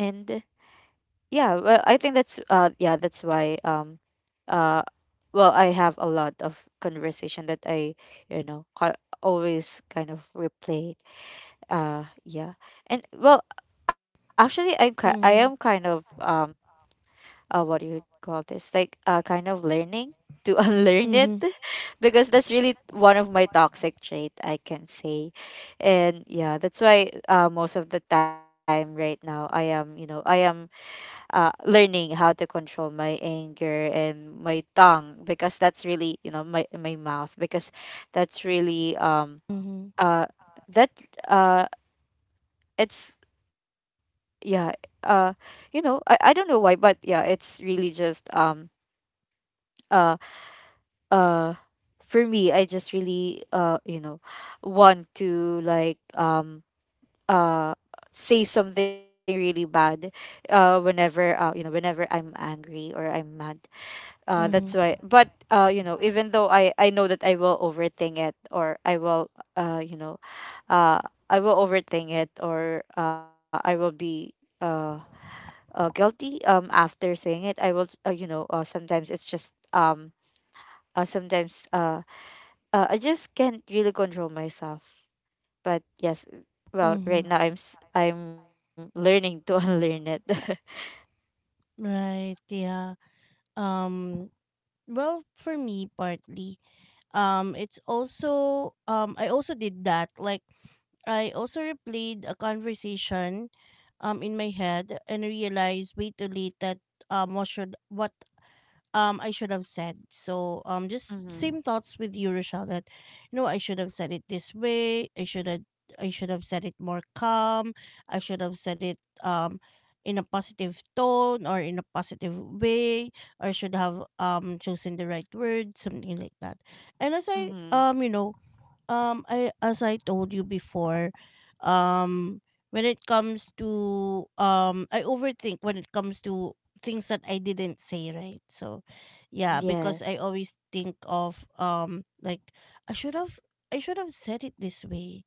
S2: yeah, well, I think that's yeah, that's why. Uh well, I have a lot of conversation that I you know ca- always kind of replay. Yeah and well Actually, I am kind
S1: Mhm.
S2: of what do you call this, like kind of learning to unlearn it,
S1: Mhm.
S2: because that's really one of my toxic trait, I can say. And yeah, that's why most of the time right now I am you know, I am learning how to control my anger and my tongue, because that's really you know, my mouth, because that's really
S1: Mm-hmm.
S2: uh that uh it's yeah uh you know, I don't know why, but yeah, it's really just uh uh for me, I just really you know want to like uh say something really bad whenever you know whenever I'm angry or I'm mad.
S1: Mm-hmm.
S2: That's why. But you know, even though I know that I will overthink it, or I will uh, you know, uh, I will overthink it, or I will be uh, guilty after saying it. I will sometimes it's just sometimes, I just can't really control myself. But yes, well,
S1: Mm-hmm.
S2: right now I'm learning to unlearn it.
S1: Right. Yeah. Um. Well, for me, partly. Um, it's also. Um, I also did that. Like, I also replayed a conversation in my head and realized way too late that what should what I should have said. So just
S2: Mm-hmm.
S1: same thoughts with you, Rochelle, that you know I should have said it this way, I should have said it more calm, I should have said it um in a positive tone or in a positive way, or should have chosen the right word, something like that. And as I
S2: Mm-hmm.
S1: you know, I told you before, um, when it comes to I overthink when it comes to things that I didn't say, right? So, yeah, because
S2: Yes.
S1: I always think of like I should have, I should have said it this way,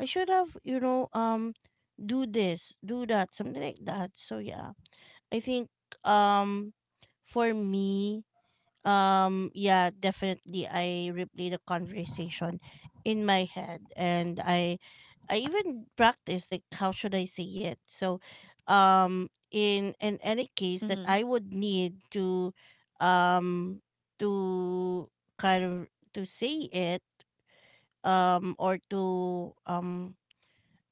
S1: I should have, you know, do this, do that, something like that. So yeah, I think um, for me yeah, definitely I replay the conversation in my head, and I even practice like how should I say it, so in any case
S2: Mm-hmm.
S1: that I would need to um to kind of to say it, or um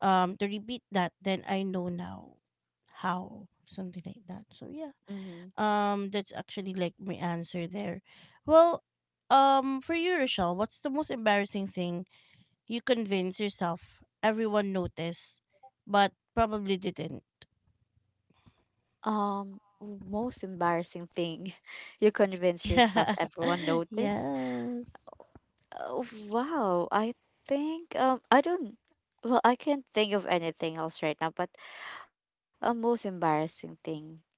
S1: um to repeat that, then I know now how, something like that. So yeah,
S2: Mm-hmm.
S1: that's actually like my answer there. Well, for you, Rochelle, what's the most embarrassing thing you convince yourself everyone noticed, but probably didn't?
S2: Most embarrassing thing you convince yourself everyone
S1: Yeah.
S2: noticed.
S1: Yes.
S2: Oh, wow, I think I don't, well, I can't think of anything else right now, but a most embarrassing thing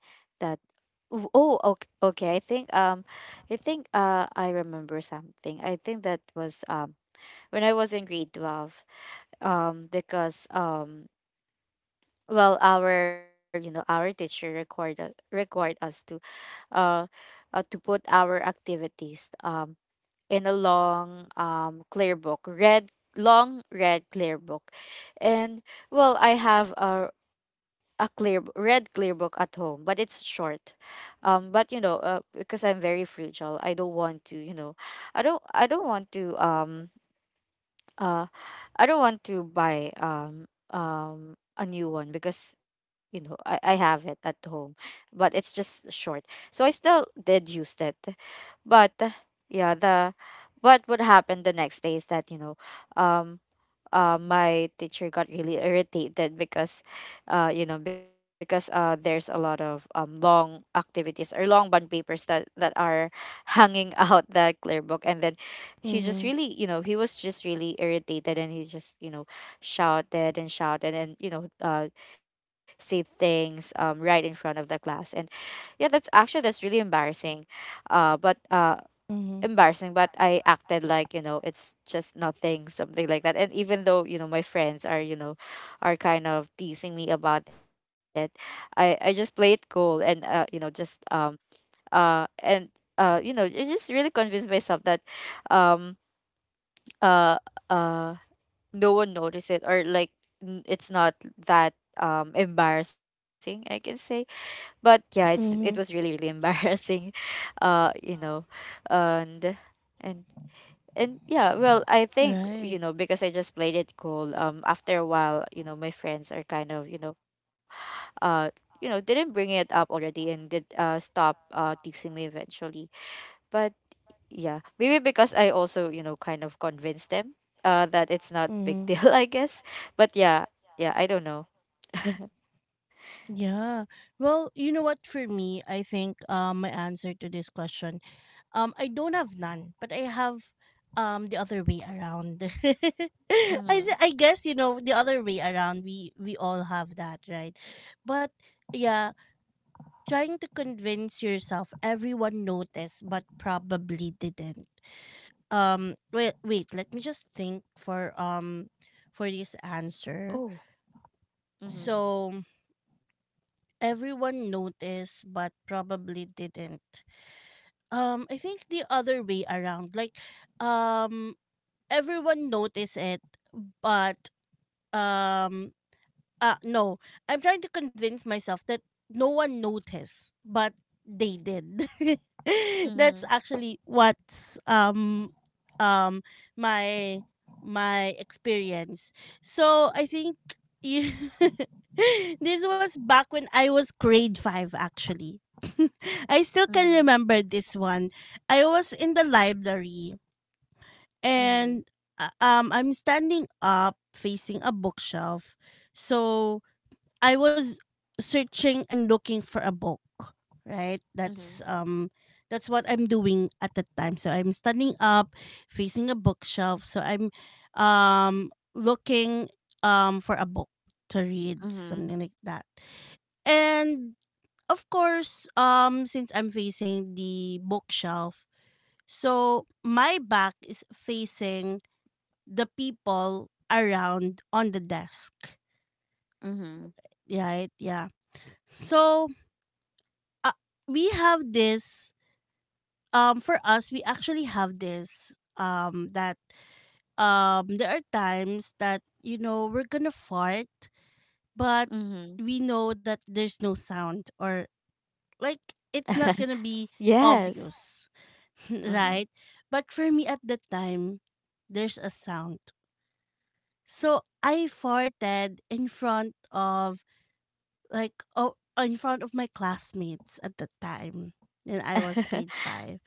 S2: that, oh, oh, okay, okay, I think I remember something. I think that was when I was in grade 12, because well, our you know, our teacher required required us uh, to put our activities in a long clear book, red, long red clear book. And well, I have a a red clear book at home, but it's short. But you know, because I'm very fragile, I don't want to you know, I don't want to uh I don't want to buy a new one because you know, I have it at home, but it's just short, so I still did use that. But yeah, the but what happened the next day is that you know um my teacher got really irritated because you know because there's a lot of long activities or long bond papers that that are hanging out that clear book, and then he just
S1: Mm-hmm.
S2: really you know, he was just really irritated, and he just you know shouted and shouted and you know, say things right in front of the class. And yeah, that's actually that's really embarrassing, but
S1: Mm-hmm.
S2: embarrassing, but I acted like, you know, it's just nothing, something like that. And even though, you know, my friends are, you know, are kind of teasing me about it, I just play it cool, and, you know, just, uh, and, you know, I just really convinced myself that, um, uh, uh, no one noticed it, or like it's not that, embarrassing, I can say. But yeah, it's, it was really,
S1: Hmm.
S2: really embarrassing, you know, and, and and yeah, well, I think, you
S1: Right.
S2: know, because I just played it cool, after a while, you know, my friends are kind of, uh, you know, didn't bring it up already, and did stop teasing me eventually. But yeah, maybe because I also, you know, kind of convinced them that it's not big
S1: Hmm.
S2: deal, I guess. But yeah, yeah, I don't know.
S1: Yeah. Well, you know what? For me, I think my answer to this question. I don't have none, but I have the other way around.
S2: Mm-hmm.
S1: I guess you know the other way around. We all have that, right? But yeah, trying to convince yourself everyone noticed, but probably didn't. Wait, wait. Let me just think for this answer.
S2: Oh. Mm-hmm.
S1: So everyone noticed, but probably didn't. I think the other way around. Like, um everyone notice it, but um no. I'm trying to convince myself that no one noticed, but they did.
S2: Mm-hmm.
S1: That's actually what's um my experience. So I think you this was back when I was grade five actually. I still
S2: Mm-hmm.
S1: can remember this one. I was in the library
S2: Mm-hmm.
S1: and, I'm standing up facing a bookshelf. So I was searching and looking for a book, right?
S2: Mm-hmm.
S1: That's what I'm doing at the time. So I'm standing up facing a bookshelf. So I'm looking for a book to read,
S2: Mm-hmm.
S1: something like that. And of course, since I'm facing the bookshelf, so my back is facing the people around on the desk,
S2: Mm-hmm.
S1: right? Yeah. So uh, we have this for us we actually have this that there are times that you know we're gonna fart but
S2: Mm-hmm.
S1: we know that there's no sound or like it's not gonna be
S2: Yes.
S1: obvious
S2: Mm-hmm.
S1: right, but for me at the time there's a sound, so I farted in front of like, oh, in front of my classmates at the time, and I was grade five.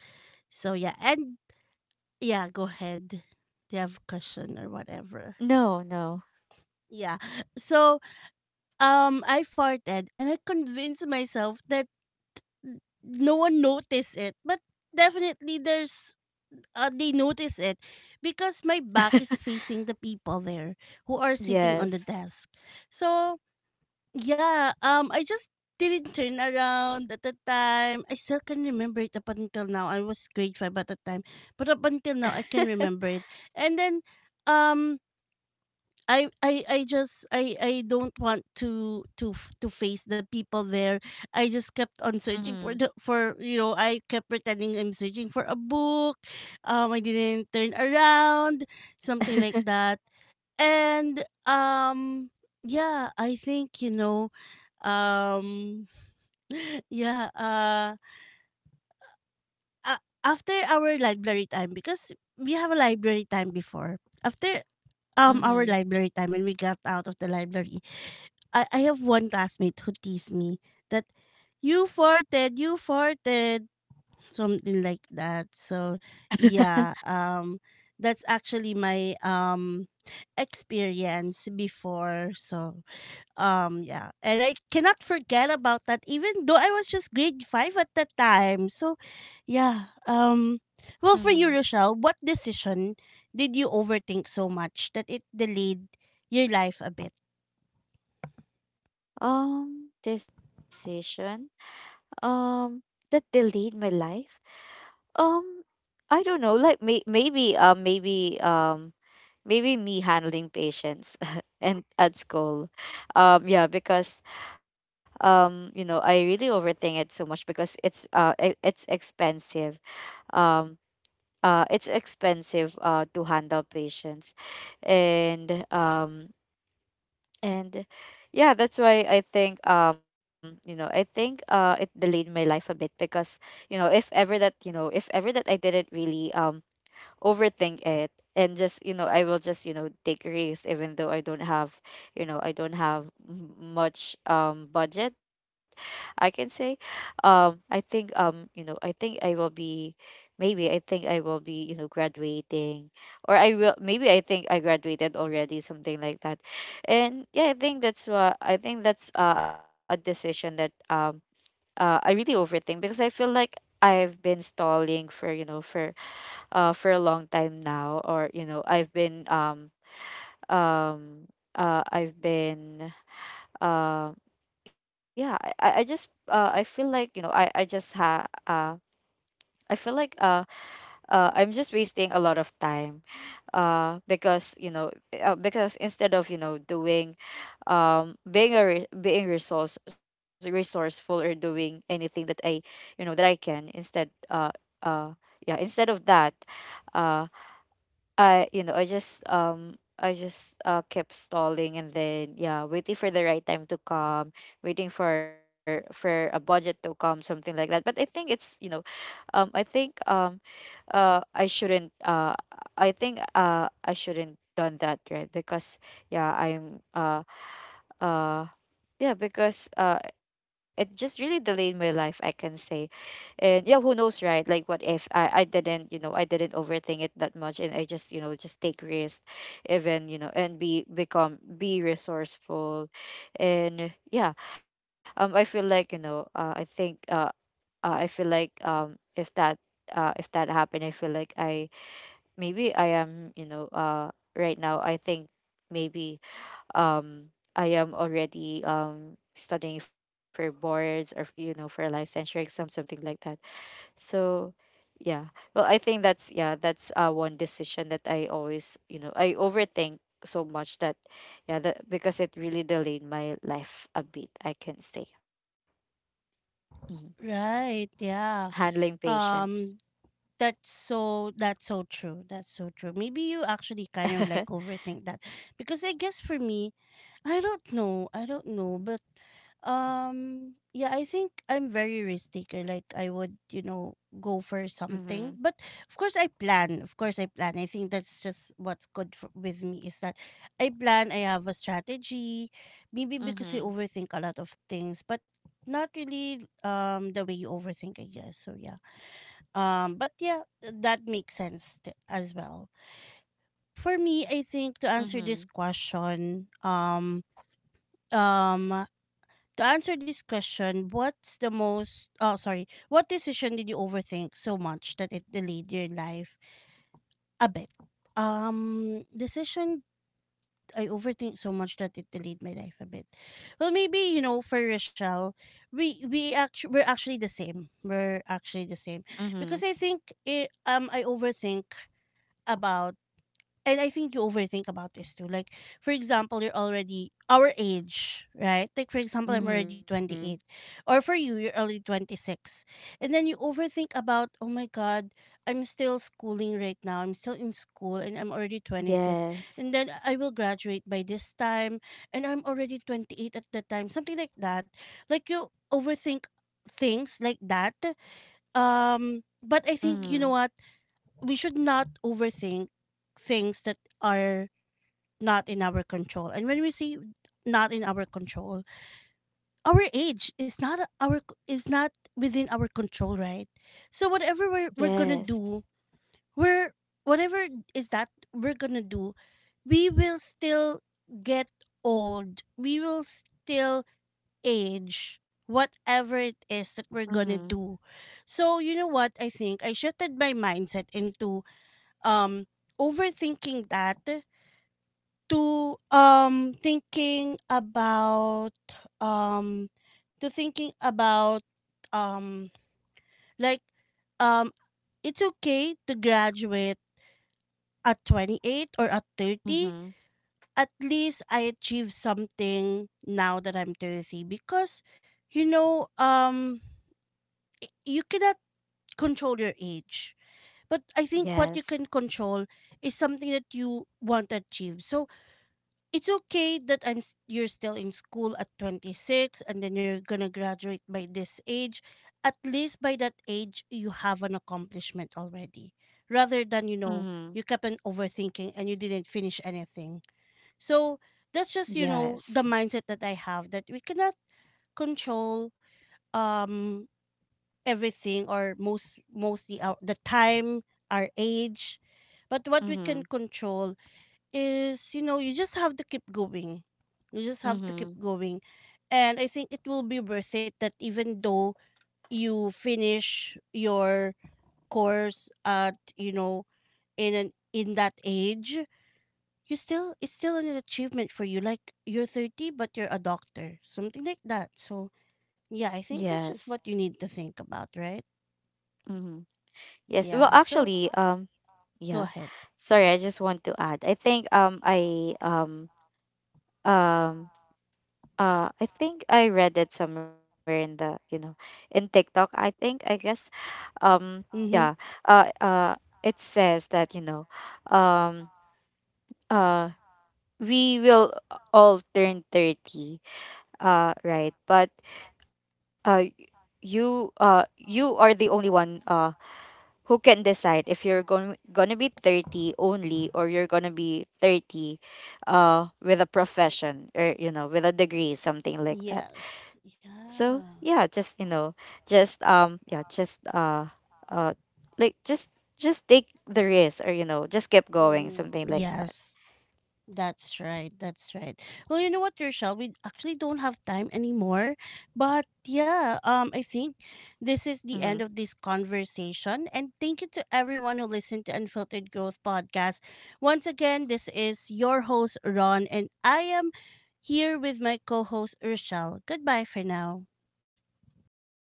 S1: So yeah, and yeah, go ahead. Do you have a question or whatever?
S2: No, no.
S1: Yeah. So I farted and I convinced myself that no one noticed it. But definitely there's they notice it because my back is facing the people there who are sitting on the
S2: Yes.
S1: desk. So yeah, I just didn't turn around at the time. I still can remember it up until now. I was grade five at the time, but up until now, I can remember it. And then, um, I just I don't want to to face the people there. I just kept on
S2: Mhm.
S1: searching for the for you know I kept pretending I'm searching for a book. I didn't turn around, something like that. And yeah, I think um, yeah, after our library time, because we have a library time before, after our
S2: Mhm.
S1: library time when we got out of the library, I have one classmate who teased me that you farted, something like that. So yeah, that's actually my experience before. So yeah. And I cannot forget about that, even though I was just grade five at that time. So, yeah. Well, for you,
S2: Mhm.
S1: Rochelle, what decision did you overthink so much that it delayed your life a bit?
S2: Decision. Um that delayed my life. Um I don't know. Like maybe maybe me handling patients and at school. Yeah, because you know, I really overthink it so much because it's expensive. Um it's expensive to handle patients, and um and yeah, that's why I think you know, I think it delayed my life a bit because you know, if ever that you know, if ever that I didn't really overthink it, and just you know, I will just you know take risks, even though I don't have, you know, I don't have much budget, I can say. I think You know, I think I will be, maybe I think I will be you know graduating, or I will, maybe I think I graduated already, something like that. And yeah, I think that's what, I think that's a decision that I really overthink, because I feel like I've been stalling for you know, for a long time now, or you know, um I've been um yeah, I just I feel like you know, I just ha uh I feel like I'm just wasting a lot of time, because you know, because instead of you know doing being a re- being resource resourceful, or doing anything that I you know that I can, instead, uh yeah, instead of that, uh I you know, I just kept stalling, and then yeah, waiting for the right time to come, waiting for a budget to come, something like that. But I think it's you know, um I think um uh I shouldn't uh I think I shouldn't done that, right? Because yeah, I'm uh yeah, because it just really delayed my life, I can say. And yeah, who knows, right? Like, what if I didn't, you know, I didn't overthink it that much, and I just, you know, just take risks, even, you know, and be resourceful. And yeah, I feel like, you know, I feel like if that happened, I feel like I, maybe I am, you know, right now I think, maybe um I am already studying for boards, or you know, for licensure exam, something like that. So yeah. Well, I think that's, yeah, that's one decision that I always, you know, I overthink so much that, yeah, that because it really delayed my life a bit, I can say. Mhm.
S1: Right. Yeah.
S2: Handling
S1: Um
S2: patience.
S1: that's so that's so true. That's so true. Maybe you actually kind of like overthink that, because I guess for me, I don't know. I don't know, but yeah, I think I'm very risk taker. Like I would, you know, go for something.
S2: Mhm.
S1: But of course I plan. Of course I plan. I think that's just what's good for, with me is that I plan, I have a strategy. Maybe because I
S2: Mhm.
S1: overthink a lot of things, but not really the way you overthink, I guess. So yeah. But yeah, that makes sense as well. For me, I think to answer this
S2: Mhm.
S1: question, um to answer this question, what's the most, oh sorry, what decision did you overthink so much that it delayed your life a bit? Decision I overthink so much that it delayed my life a bit. Well maybe, you know, for Rochelle, we actually we're actually the same. We're actually the same. Because
S2: Mhm.
S1: I think it, I overthink about, and I think you overthink about this too. Like, for example, you're already our age, right? Like, for example, I'm already
S2: Mhm.
S1: 28, or for you, you're already 26. And then you overthink about, oh my God, I'm still schooling right now. I'm still in school and I'm already 26. And
S2: Yes.
S1: then I will graduate by this time and I'm already 28 at the time, something like that. Like, you overthink things like that. But I think, you know
S2: Mhm.
S1: what? We should not overthink things that are not in our control. And when we say not in our control, our age is not within our control, right? So we're gonna
S2: Yes.
S1: do, we're, whatever is that we're gonna do, we will still get old. We will still age. Whatever it is that we're
S2: Mhm.
S1: gonna do. So you know what I think? I shifted my mindset into um overthinking that to thinking about um to thinking about, um like um it's okay to graduate at 28 or at 30.
S2: Mhm.
S1: At least I achieved something now that I'm 30, because you know, you cannot control your age, but I think what you
S2: Yes.
S1: can control is something that you want to achieve. So it's okay that you're still in school at 26 and then you're going to graduate by this age. At least by that age you have an accomplishment already, rather than you know you
S2: Mhm.
S1: kept on overthinking and you didn't finish anything. So that's just, you know, the
S2: Yes.
S1: mindset that I have, that we cannot control, um everything, or mostly the time, our age, but what we can
S2: Mhm.
S1: control is, you know, you just have to keep going, you just have to keep
S2: Mhm.
S1: going. And I think it will be worth it that even though you finish your course at, you know, in that age, you still it's still an achievement for you. Like you're 30 but you're a doctor, something like that. So yeah, I think
S2: Yes.
S1: that's just what you need to think about, right?
S2: Mhm. Yes. Well,
S1: Yeah, so
S2: actually,
S1: go
S2: yeah.
S1: ahead.
S2: Sorry, I just want to add. I think um I think I read it somewhere in the you know, in TikTok, I think, I guess. um yeah
S1: Mm-hmm.
S2: uh uh it says that you know, um uh we will all turn 30, right? But uh you are the only one. Who can decide if you're going gonna be 30 only, or you're gonna be 30 with a profession, or you know, with a degree, something like that.
S1: Yes.
S2: So yeah,
S1: Yeah.
S2: just you know, just yeah, uh like just just take the risk, or you know, just keep going,
S1: Mm-hmm.
S2: something like that.
S1: Yes. That's right. That's right. Well, you know what, Rochelle? We actually don't have time anymore. But yeah, I think this is
S2: Mm-hmm.
S1: the end of this conversation. And thank you to everyone who listened to Unfiltered Growth Podcast. Once again, this is your host, Ron, and I am here with my co host, Rochelle. Goodbye for now.
S2: Bye.